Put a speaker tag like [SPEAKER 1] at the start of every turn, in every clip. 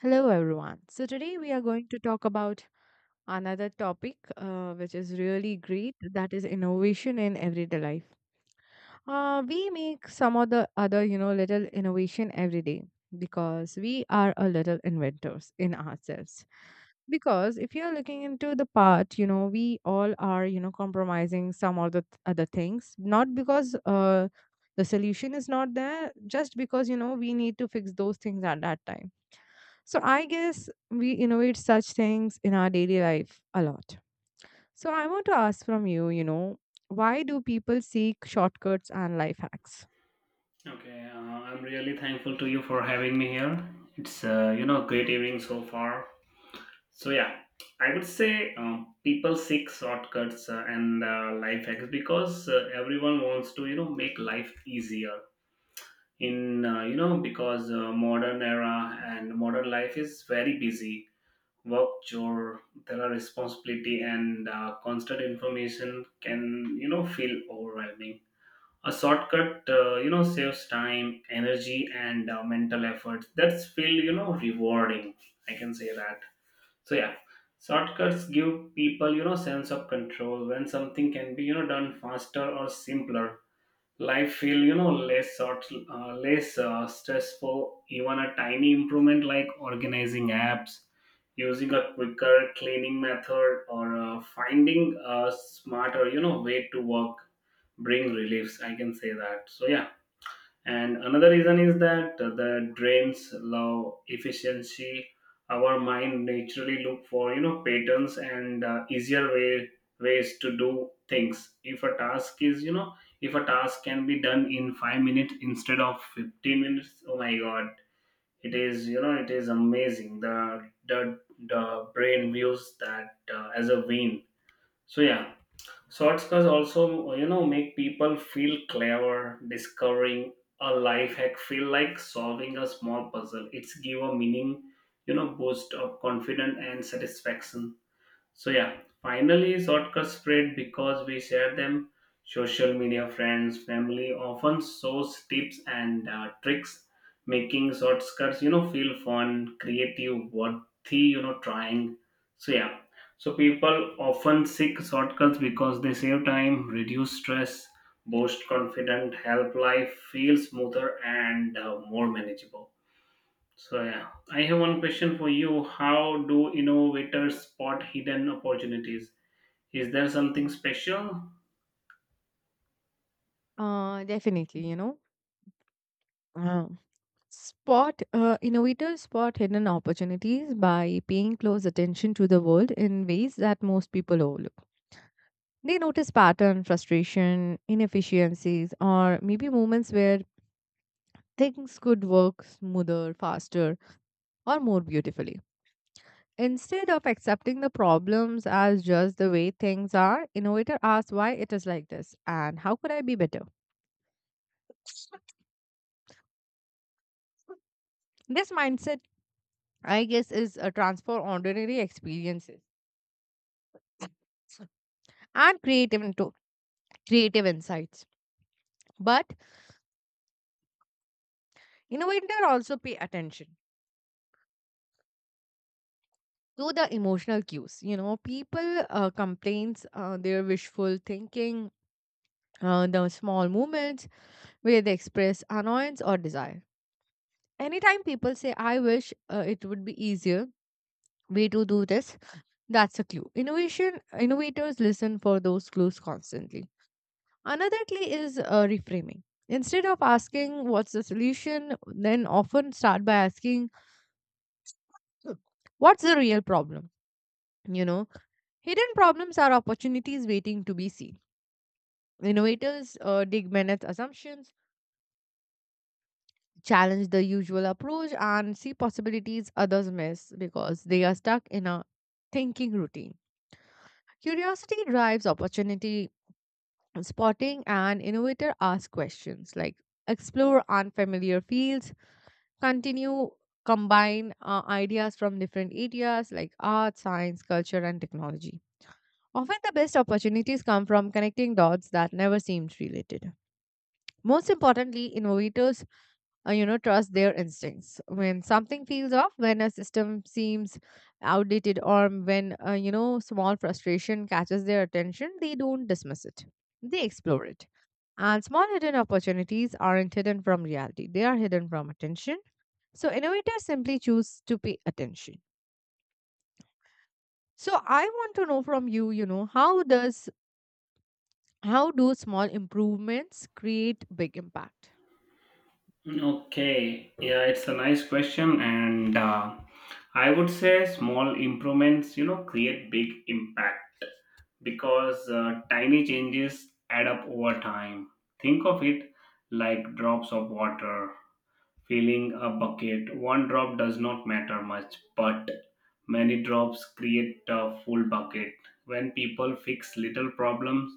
[SPEAKER 1] Hello, everyone. So, today we are going to talk about another topic which is really great, that is innovation in everyday life. We make some of the other, you know, little innovation every day because we are a little inventors in ourselves. Because if you're looking into the part, you know, we all are, you know, compromising some of the other things, not because the solution is not there, just because, you know, we need to fix those things at that time, so I guess we innovate such things in our daily life a lot. So I want to ask from you, you know, why do people seek shortcuts and life hacks?
[SPEAKER 2] Okay, I'm really thankful to you for having me here. It's you know great evening so far. So yeah, I would say people seek shortcuts and life hacks because everyone wants to you know make life easier. In you know because modern era and modern life is very busy. Work chore, there are responsibility and constant information can you know feel overwhelming. A shortcut you know saves time energy and mental effort that's feel you know rewarding, I can say that. So yeah, shortcuts give people you know sense of control. When something can be you know done faster or simpler, life feel you know less short, less stressful. Even a tiny improvement like organizing apps, using a quicker cleaning method, or finding a smarter you know way to work bring reliefs, I can say that. So yeah, and another reason is that the drains love efficiency. Our mind naturally look for you know patterns and easier ways to do things. If a task is you know if a task can be done in 5 minutes instead of 15 minutes, oh my god, it is you know it is amazing. The brain views that as a win. So yeah, shortcuts also, you know, make people feel clever. Discovering a life hack feel like solving a small puzzle. It's give a meaning, you know, boost of confidence and satisfaction. So yeah, finally shortcuts spread because we share them. Social media friends, family often shows tips and tricks, making shortcuts you know feel fun, creative, worthy you know trying. So yeah, so people often seek shortcuts because they save time, reduce stress, boost confidence, help life feel smoother and more manageable. So yeah, I have one question for you. How do innovators spot hidden opportunities? Is there something special?
[SPEAKER 1] Definitely, you know. Uh, spot Innovators spot hidden opportunities by paying close attention to the world in ways that most people overlook. They notice pattern, frustration, inefficiencies, or maybe moments where things could work smoother, faster, or more beautifully. Instead of accepting the problems as just the way things are, innovator asks why it is like this and how could I be better. This mindset, I guess, is a transfer ordinary experiences and creative into creative insights. But innovator also pay attention to the emotional cues. You know, people complains their wishful thinking, the small moments where they express annoyance or desire. Anytime people say, "I wish it would be easier," way to do this, that's a clue. Innovation Innovators listen for those clues constantly. Another clue is reframing. Instead of asking what's the solution, then often start by asking what's the real problem, you know. Hidden problems are opportunities waiting to be seen. Innovators dig beneath assumptions, challenge the usual approach, and see possibilities others miss because they are stuck in a thinking routine. Curiosity drives opportunity. Spotting an innovator ask questions like, explore unfamiliar fields, continue, combine ideas from different areas like art, science, culture, and technology. Often, the best opportunities come from connecting dots that never seemed related. Most importantly, innovators you know, trust their instincts. When something feels off, when a system seems outdated, or when you know, small frustration catches their attention, they don't dismiss it, they explore it. And small hidden opportunities aren't hidden from reality, they are hidden from attention. So innovators simply choose to pay attention. So I want to know from you, you know, how do small improvements create big impact?
[SPEAKER 2] Okay, yeah, it's a nice question, and I would say small improvements, you know, create big impact because tiny changes add up over time. Think of it like drops of water. Filling a bucket, one drop does not matter much, but many drops create a full bucket. When people fix little problems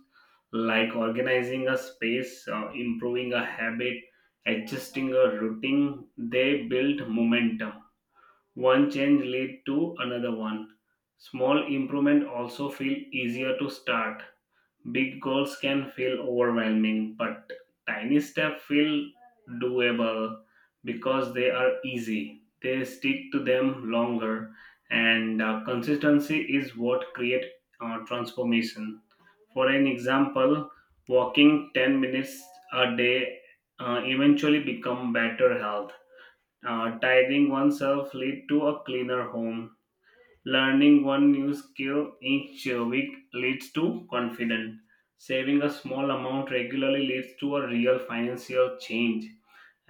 [SPEAKER 2] like organizing a space, improving a habit, adjusting a routine, they build momentum. One change lead to another one. Small improvement also feel easier to start. Big goals can feel overwhelming, but tiny steps feel doable because they are easy. They stick to them longer, and consistency is what creates transformation. For an example, walking 10 minutes a day eventually become better health. Tiring oneself lead to a cleaner home. Learning one new skill each week leads to confidence. Saving a small amount regularly leads to a real financial change.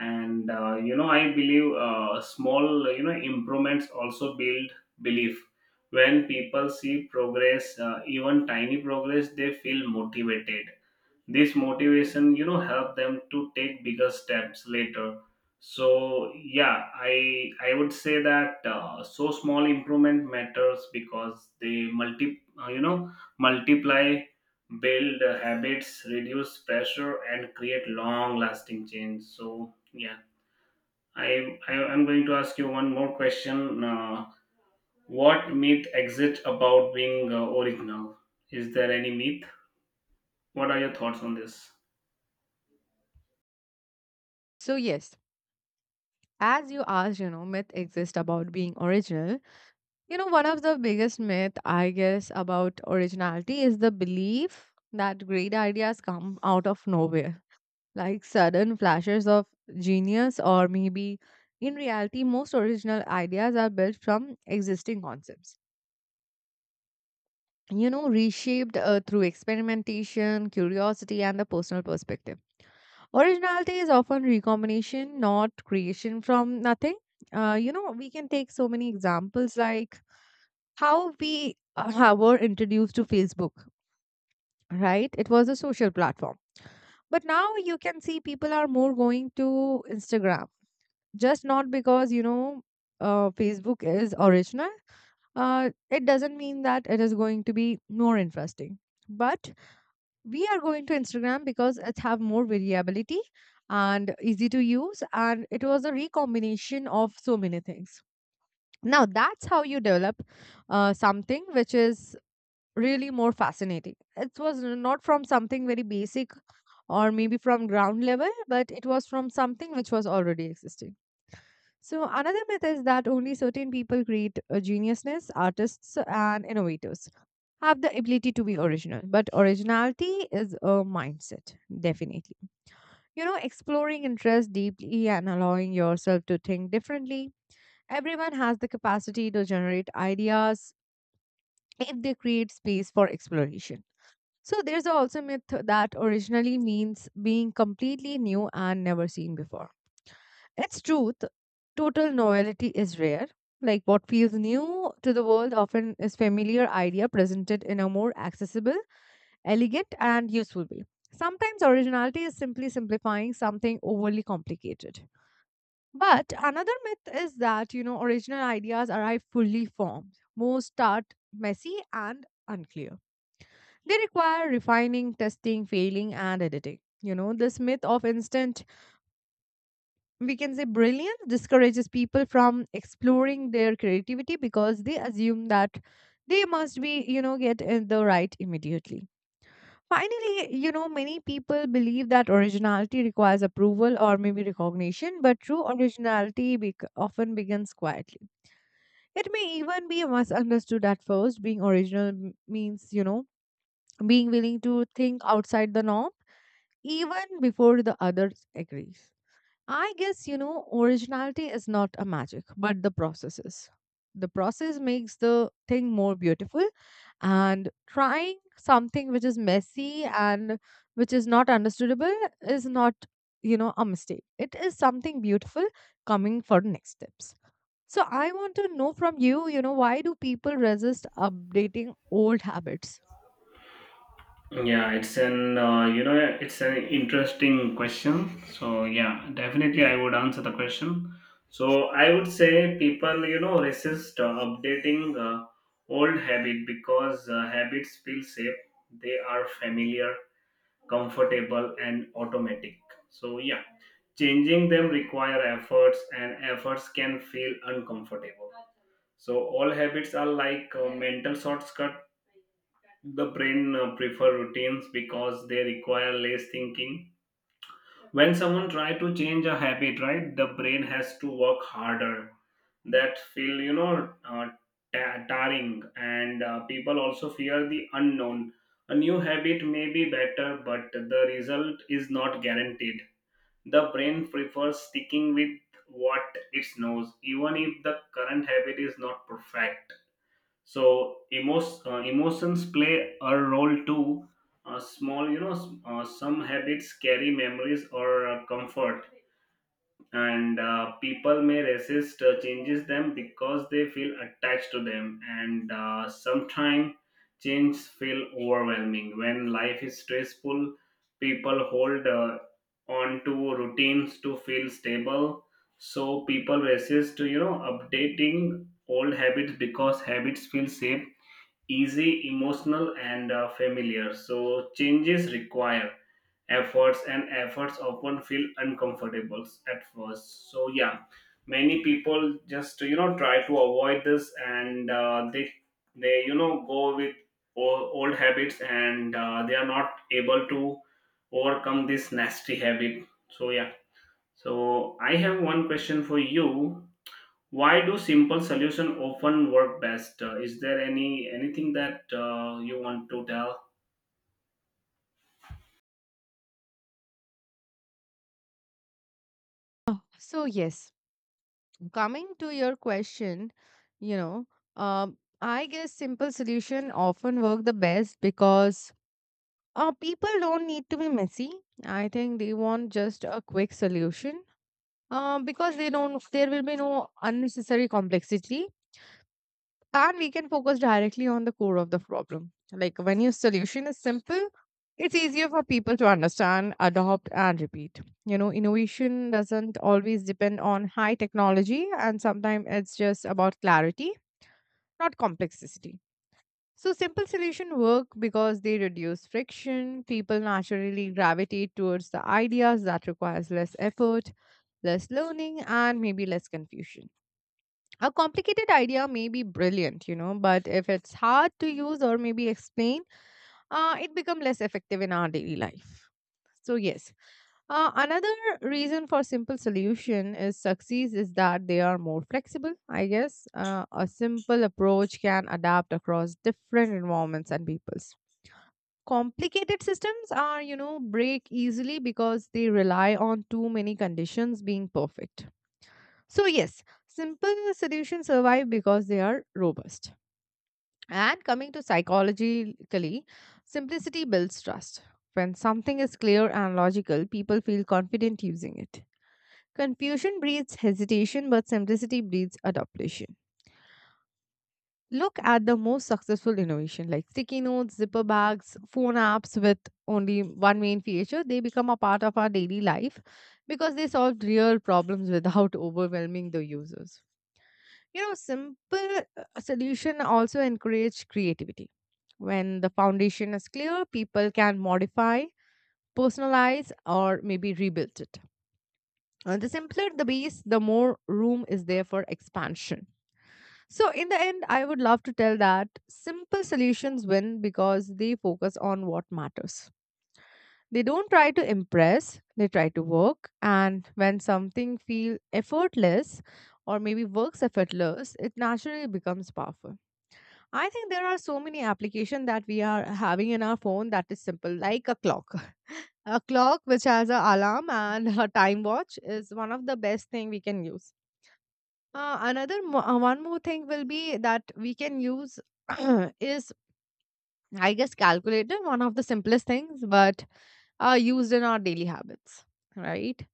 [SPEAKER 2] And you know, I believe small you know improvements also build belief. When people see progress, even tiny progress, they feel motivated. This motivation you know help them to take bigger steps later. So yeah, i would say that so small improvement matters because they multi you know multiply, build habits, reduce pressure, and create long lasting change. So yeah, I'm going to ask you one more question. What myth exists about being original? Is there any myth? What are your thoughts on this?
[SPEAKER 1] So yes, as you asked, you know, myth exists about being original. You know, one of the biggest myth, I guess, about originality is the belief that great ideas come out of nowhere, like sudden flashes of genius, or maybe in reality, most original ideas are built from existing concepts. You know, reshaped through experimentation, curiosity, and the personal perspective. Originality is often recombination, not creation from nothing. You know, we can take so many examples like how we were introduced to Facebook, right? It was a social platform. But now you can see people are more going to Instagram, just not because, you know, Facebook is original. It doesn't mean that it is going to be more interesting. But we are going to Instagram because it have more variability and easy to use. And it was a recombination of so many things. Now, that's how you develop something which is really more fascinating. It was not from something very basic or maybe from ground level, but it was from something which was already existing. So, another myth is that only certain people create geniusness, artists, and innovators have the ability to be original. But originality is a mindset, definitely. You know, exploring interest deeply and allowing yourself to think differently. Everyone has the capacity to generate ideas if they create space for exploration. So there's also myth that originally means being completely new and never seen before. It's truth. Total novelty is rare. Like what feels new to the world often is familiar idea presented in a more accessible, elegant, and useful way. Sometimes originality is simply simplifying something overly complicated. But another myth is that, you know, original ideas arrive fully formed. Most start messy and unclear. They require refining, testing, failing, and editing. You know, this myth of instant, we can say brilliance, discourages people from exploring their creativity because they assume that they must be, you know, get in the right immediately. Finally, you know, many people believe that originality requires approval or maybe recognition, but true originality bec often begins quietly. It may even be misunderstood at first. Being original means, you know, being willing to think outside the norm even before the others agrees. I guess, you know, originality is not a magic, but the process is. The process makes the thing more beautiful, and trying something which is messy and which is not understandable is not, you know, a mistake. It is something beautiful coming for the next steps. So I want to know from you, you know, why do people resist updating old habits?
[SPEAKER 2] Yeah, it's an you know it's an interesting question. So yeah, definitely I would answer the question. So I would say people you know resist updating old habit because habits feel safe. They are familiar, comfortable, and automatic. So yeah, changing them require efforts, and efforts can feel uncomfortable. So all habits are like mental shortcuts. The brain prefer routines because they require less thinking. When someone try to change a habit, right, the brain has to work harder. That feel you know tiring and people also fear the unknown. A new habit may be better, but the result is not guaranteed. The brain prefers sticking with what it knows, even if the current habit is not perfect. So emotions play a role too. Small you know some habits carry memories or comfort, and people may resist changes them because they feel attached to them, and sometimes change feel overwhelming. When life is stressful, people hold on to routines to feel stable. So people resist to you know updating old habits because habits feel safe, easy, emotional, and familiar. So changes require efforts, and efforts often feel uncomfortable at first. So yeah, many people just you know try to avoid this, and they you know go with old habits, and they are not able to overcome this nasty habit. So yeah. So I have one question for you. Why do simple solution often work best? Is there any anything that you want to tell?
[SPEAKER 1] Oh, so yes, coming to your question, you know, I guess simple solution often work the best because people don't need to be messy. I think they want just a quick solution because they don't. There will be no unnecessary complexity. And we can focus directly on the core of the problem. Like when your solution is simple, it's easier for people to understand, adopt, and repeat. You know, innovation doesn't always depend on high technology, and sometimes it's just about clarity, not complexity. So, simple solutions work because they reduce friction. People naturally gravitate towards the ideas that requires less effort, less learning, and maybe less confusion. A complicated idea may be brilliant, you know, but if it's hard to use or maybe explain, it becomes less effective in our daily life. So, yes, another reason for simple solution is success is that they are more flexible. I guess a simple approach can adapt across different environments and peoples. Complicated systems are, you know, break easily because they rely on too many conditions being perfect. So, yes, simple solutions survive because they are robust. And coming to psychologically, simplicity builds trust. When something is clear and logical, people feel confident using it. Confusion breeds hesitation, but simplicity breeds adaptation. Look at the most successful innovation like sticky notes, zipper bags, phone apps with only one main feature. They become a part of our daily life because they solved real problems without overwhelming the users. You know, simple solution also encourage creativity. When the foundation is clear, people can modify, personalize, or maybe rebuild it. The simpler the base, the more room is there for expansion. So, in the end, I would love to tell that simple solutions win because they focus on what matters. They don't try to impress, they try to work. And when something feels effortless or maybe works effortless, it naturally becomes powerful. I think there are so many applications that we are having in our phone that is simple, like a clock. A clock which has an alarm and a time watch is one of the best thing we can use. One more thing will be that we can use is, I guess, calculator, one of the simplest things, but are used in our daily habits, right?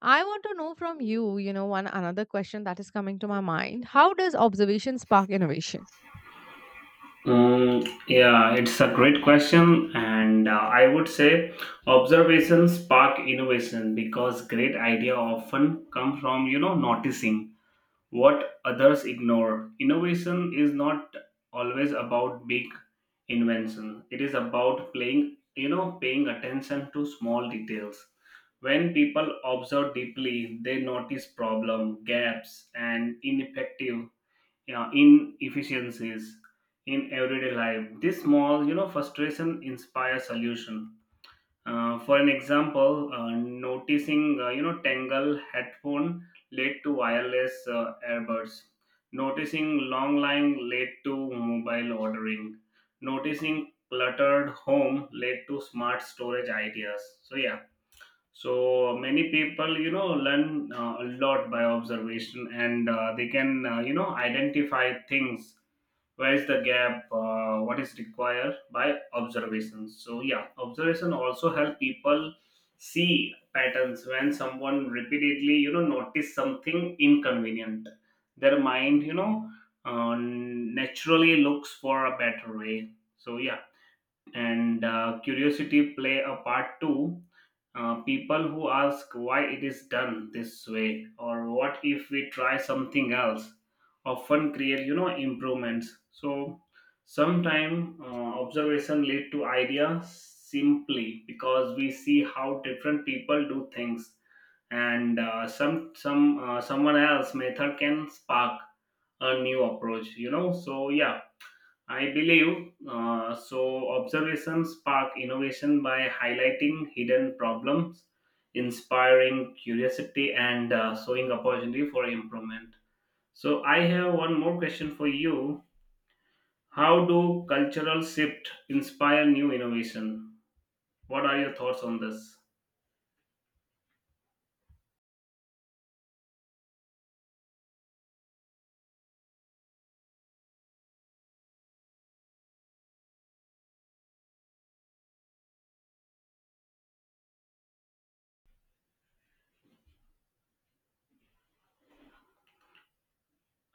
[SPEAKER 1] I want to know from you, you know, one another question that is coming to my mind. How does observation spark innovation?
[SPEAKER 2] Yeah, it's a great question, and I would say observation spark innovation because great idea often come from you know noticing what others ignore. Innovation is not always about big invention. It is about playing, you know, paying attention to small details. When people observe deeply, they notice problem, gaps, and ineffective, you know, inefficiencies in everyday life. This small, you know, frustration inspires solution. For an example, noticing you know tangle headphone led to wireless earbuds. Noticing long line led to mobile ordering. Noticing cluttered home led to smart storage ideas. So yeah, so many people you know learn a lot by observation, and they can you know identify things where's the gap, what is required by observation. So yeah, observation also help people see patterns. When someone repeatedly you know notice something inconvenient, their mind you know naturally looks for a better way. So yeah, and curiosity play a part too. People who ask why it is done this way or what if we try something else often create you know improvements. So sometimes observation lead to ideas simply because we see how different people do things, and someone else method can spark a new approach, you know. So yeah, I believe so, observations spark innovation by highlighting hidden problems, inspiring curiosity, and showing opportunity for improvement. So, I have one more question for you. How do cultural shift inspire new innovation? What are your thoughts on this?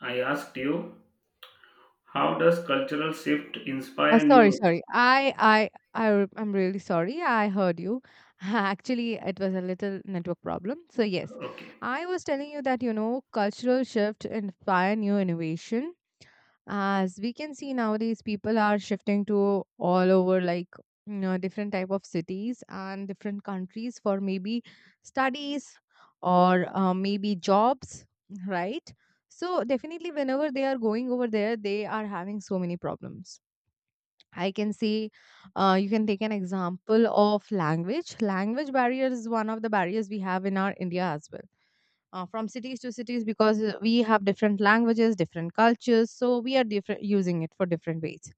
[SPEAKER 2] I asked you, how does cultural shift
[SPEAKER 1] Oh,
[SPEAKER 2] inspire
[SPEAKER 1] sorry,
[SPEAKER 2] new?
[SPEAKER 1] sorry. I'm really sorry. I heard you. Actually, it was a little network problem. So yes,
[SPEAKER 2] Okay.
[SPEAKER 1] I was telling you that, you know, cultural shift inspire new innovation. As we can see nowadays, people are shifting to all over, like, you know, different type of cities and different countries for maybe studies or maybe jobs, right? So definitely, whenever they are going over there, they are having so many problems. I can see, you can take an example of language. Language barriers is one of the barriers we have in our India as well. From cities to cities, because we have different languages, different cultures, so we are different using it for different ways.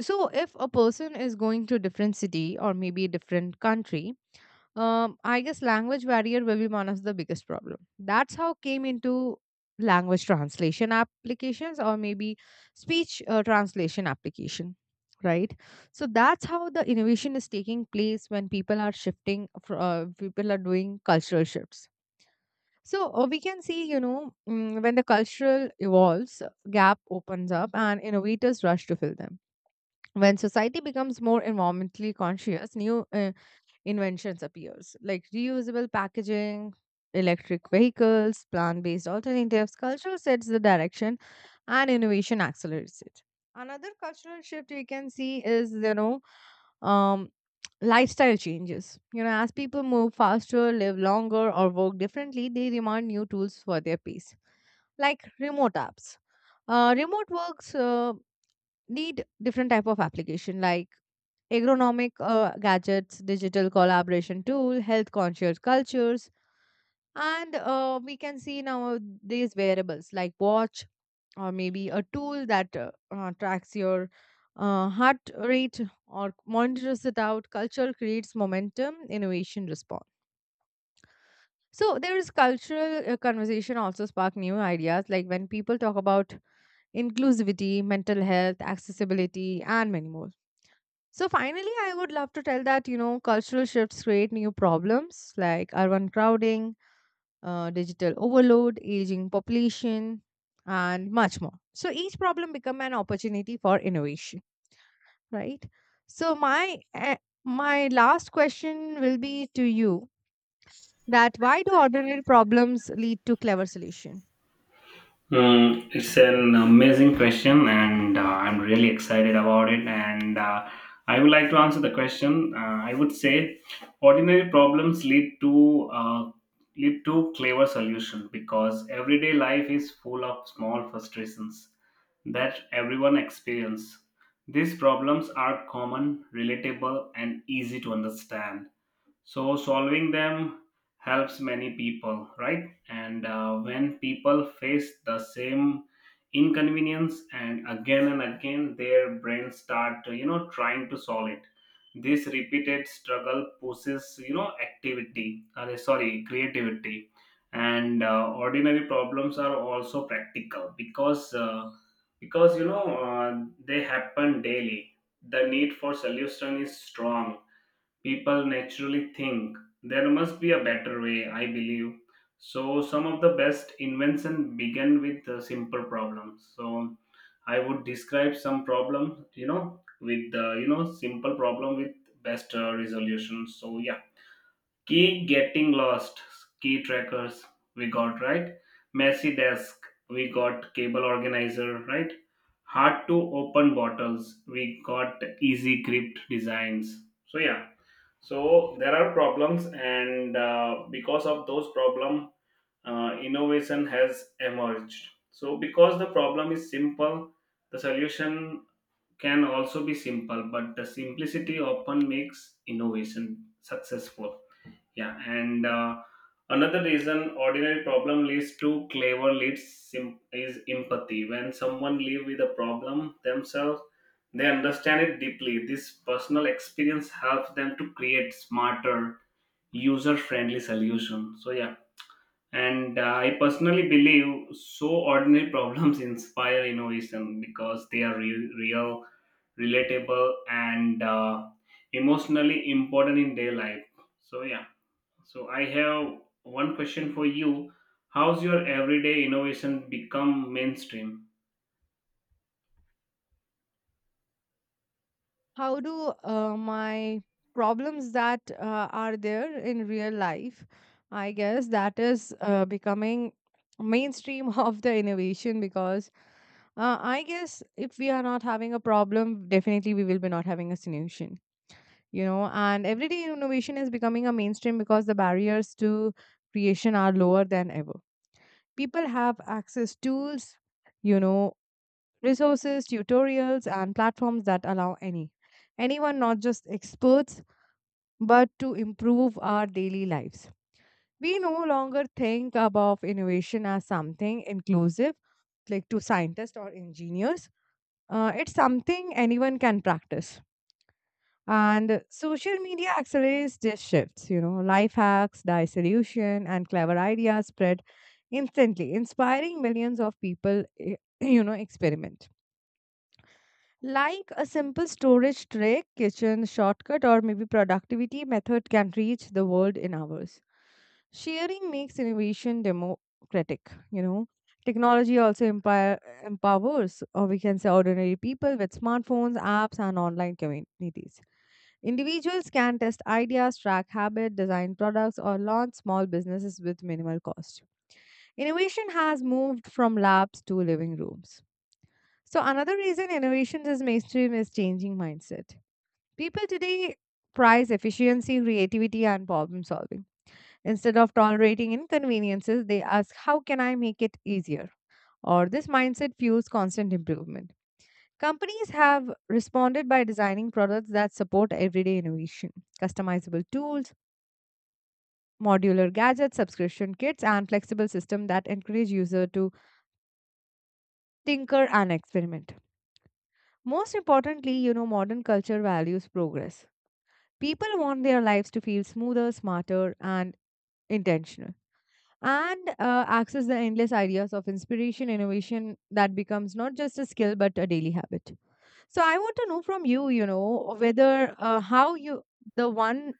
[SPEAKER 1] So if a person is going to a different city or maybe a different country, I guess language barrier will be one of the biggest problem. That's how came into language translation applications or maybe speech translation application, right? So that's how the innovation is taking place when people are shifting. People are doing cultural shifts. So we can see, you know, when the cultural evolves, gap opens up and innovators rush to fill them. When society becomes more environmentally conscious, new inventions appears like reusable packaging, electric vehicles, plant-based alternatives. Culture sets the direction and innovation accelerates it. Another cultural shift we can see is, you know um, lifestyle changes. You know, as people move faster, live longer, or work differently, they demand new tools for their pace, like remote apps, remote works need different type of application like agronomic gadgets, digital collaboration tool, health conscious cultures, and we can see now these wearables like watch or maybe a tool that tracks your heart rate or monitors it out. Culture creates momentum, innovation response. So there is cultural conversation also spark new ideas like when people talk about inclusivity, mental health, accessibility, and many more. So finally, I would love to tell that, you know, cultural shifts create new problems like urban crowding, digital overload, aging population, and much more. So each problem become an opportunity for innovation, right? So my last question will be to you, that why do ordinary problems lead to clever solution?
[SPEAKER 2] Mm, it's an amazing question, and I'm really excited about it. And I would like to answer the question. I would say ordinary problems lead to clever solution because everyday life is full of small frustrations that everyone experience. These problems are common, relatable, and easy to understand, so solving them helps many people, right? And when people face the same inconvenience and again, their brains start, you know, trying to solve it. This repeated struggle pushes, you know, activity, sorry, creativity. And ordinary problems are also practical because, you know, they happen daily. The need for solution is strong. People naturally think there must be a better way, I believe. So some of the best invention begin with simple problems. So I would describe some problem you know with you know simple problem with best resolution. So yeah, key getting lost, key trackers, we got right. Messy desk, we got cable organizer, right. Hard to open bottles, we got easy grip designs. So yeah, so there are problems, and because of those problem, innovation has emerged. So because the problem is simple, the solution can also be simple, but the simplicity often makes innovation successful. Yeah, and another reason ordinary problem leads to clever is empathy. When someone live with a problem themselves, they understand it deeply. This personal experience helps them to create smarter, user-friendly solution. So yeah, and I personally believe so ordinary problems inspire innovation because they are real, relatable, and emotionally important in their life. So yeah. So I have one question for you. How's your everyday innovation become mainstream?
[SPEAKER 1] How do my problems that are there in real life, I guess that is becoming mainstream of the innovation, because I guess if we are not having a problem, definitely we will be not having a solution, you know. And everyday innovation is becoming a mainstream because the barriers to creation are lower than ever. People have access tools, you know, resources, tutorials, and platforms that allow anyone, not just experts, but to improve our daily lives. We no longer think about innovation as something inclusive, like to scientists or engineers. It's something anyone can practice. And social media accelerates these shifts. You know, life hacks, die solution, and clever ideas spread instantly, inspiring millions of people. You know, experiment. Like a simple storage trick, kitchen shortcut, or maybe productivity method can reach the world in hours. Sharing makes innovation democratic, you know. Technology also empower, Empowers, or we can say, ordinary people with smartphones, apps, and online communities. Individuals can test ideas, track habit, design products, or launch small businesses with minimal cost. Innovation has moved from labs to living rooms. So another reason innovations is mainstream is changing mindset. People today prize efficiency, creativity, and problem solving. Instead of tolerating inconveniences, they ask, how can I make it easier? Or this mindset fuels constant improvement. Companies have responded by designing products that support everyday innovation, customizable tools, modular gadgets, subscription kits, and flexible systems that encourage user to tinker and experiment. Most importantly, you know, modern culture values progress. People want their lives to feel smoother, smarter, and intentional, and access the endless ideas of inspiration, innovation that becomes not just a skill but a daily habit. So I want to know from you, you know, whether how you, the one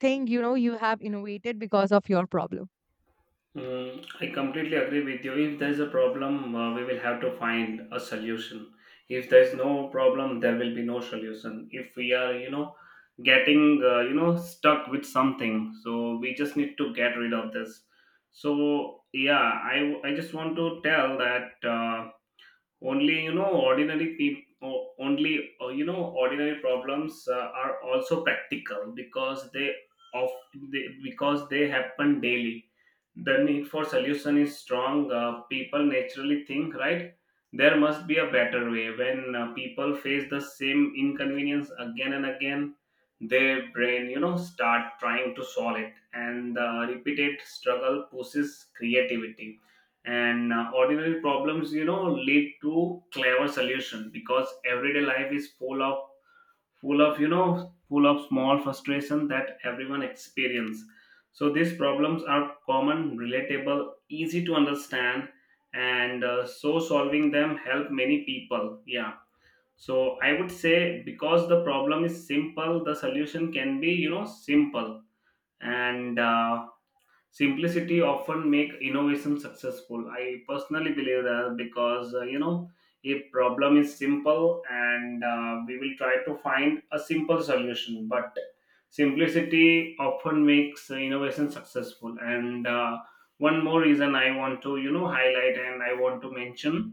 [SPEAKER 1] think, you know, you have innovated because of your problem.
[SPEAKER 2] Mm, I completely agree with you. If there's a problem, we will have to find a solution. If there's no problem, there will be no solution. If we are, you know, getting, you know, stuck with something, so we just need to get rid of this. So yeah, I just want to tell that. Only you know ordinary people, only you know ordinary problems are also practical because of because they happen daily. The need for solution is strong. People naturally think, right, there must be a better way. When people face the same inconvenience again and again, their brain you know start trying to solve it, and the repeated struggle pushes creativity. And ordinary problems you know lead to clever solution because everyday life is full of you know full of small frustration that everyone experience. So these problems are common, relatable, easy to understand, and so solving them help many people, yeah. So I would say because the problem is simple, the solution can be you know simple, and simplicity often make innovation successful. I personally believe that because you know, a problem is simple, and we will try to find a simple solution, but simplicity often makes innovation successful, and one more reason I want to you know highlight and I want to mention,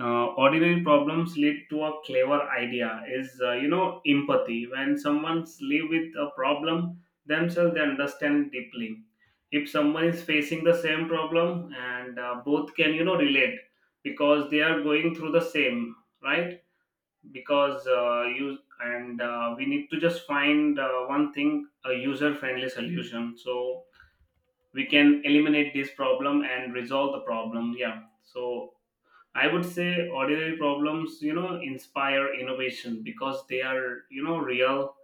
[SPEAKER 2] ordinary problems lead to a clever idea is you know empathy. When someone's live with a problem themselves they understand deeply. If someone is facing the same problem, and both can you know relate because they are going through the same, right? Because you and we need to just find one thing, a user friendly solution, so we can eliminate this problem and resolve the problem, yeah. So I would say ordinary problems, you know, inspire innovation because they are, you know, real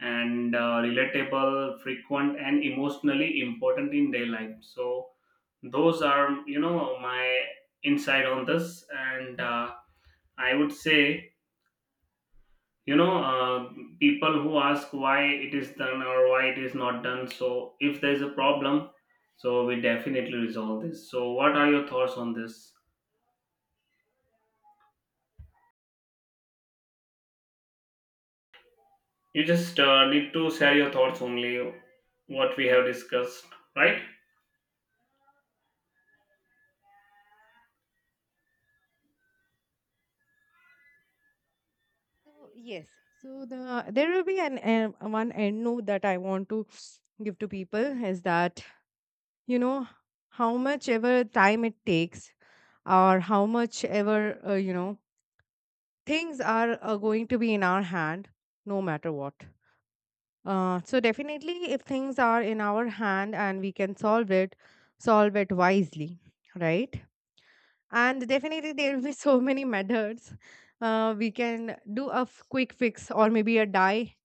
[SPEAKER 2] and relatable, frequent, and emotionally important in their life. So those are, you know, my insight on this. And I would say, you know, people who ask why it is done or why it is not done. So if there is a problem, so we definitely resolve this. So what are your thoughts on this? You just need to share your thoughts only, what we have discussed, right?
[SPEAKER 1] So yes, so there will be an one end note that I want to give to people is that, you know, how much ever time it takes or how much ever you know, things are going to be in our hand, no matter what. So definitely, if things are in our hand and we can solve it wisely, right? And definitely, there will be so many methods. We can do a quick fix or maybe a die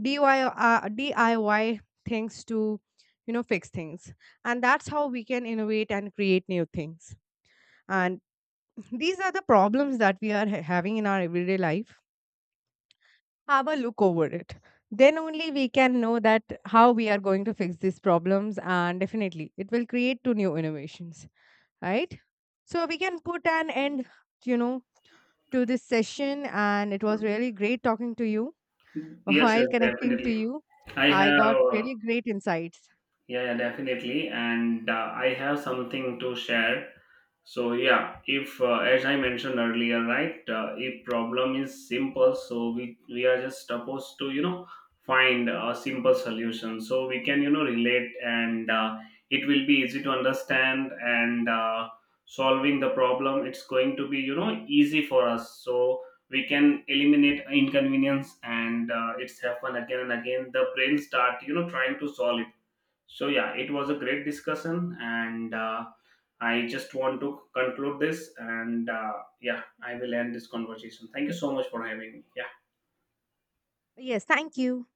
[SPEAKER 1] DIY, DIY things to, you know, fix things. And that's how we can innovate and create new things. And these are the problems that we are having in our everyday life. Have a look over it. Then only we can know that how we are going to fix these problems. And definitely it will create two new innovations, right? So we can put an end, you know, to this session. And it was really great talking to you
[SPEAKER 2] Yes,
[SPEAKER 1] while
[SPEAKER 2] yes,
[SPEAKER 1] connecting to
[SPEAKER 2] definitely.
[SPEAKER 1] you.
[SPEAKER 2] I
[SPEAKER 1] I got
[SPEAKER 2] have.
[SPEAKER 1] really great insights.
[SPEAKER 2] Yeah, yeah, definitely. And I have something to share. So yeah, if as I mentioned earlier, right, if problem is simple, so we are just supposed to you know find a simple solution. So we can you know relate, and it will be easy to understand. And solving the problem, it's going to be you know easy for us. So we can eliminate inconvenience, and it's happen again and again. The brain start you know trying to solve it. So yeah, it was a great discussion, and I just want to conclude this, and yeah, I will end this conversation. Thank you so much for having me. Yeah.
[SPEAKER 1] Yes, thank you.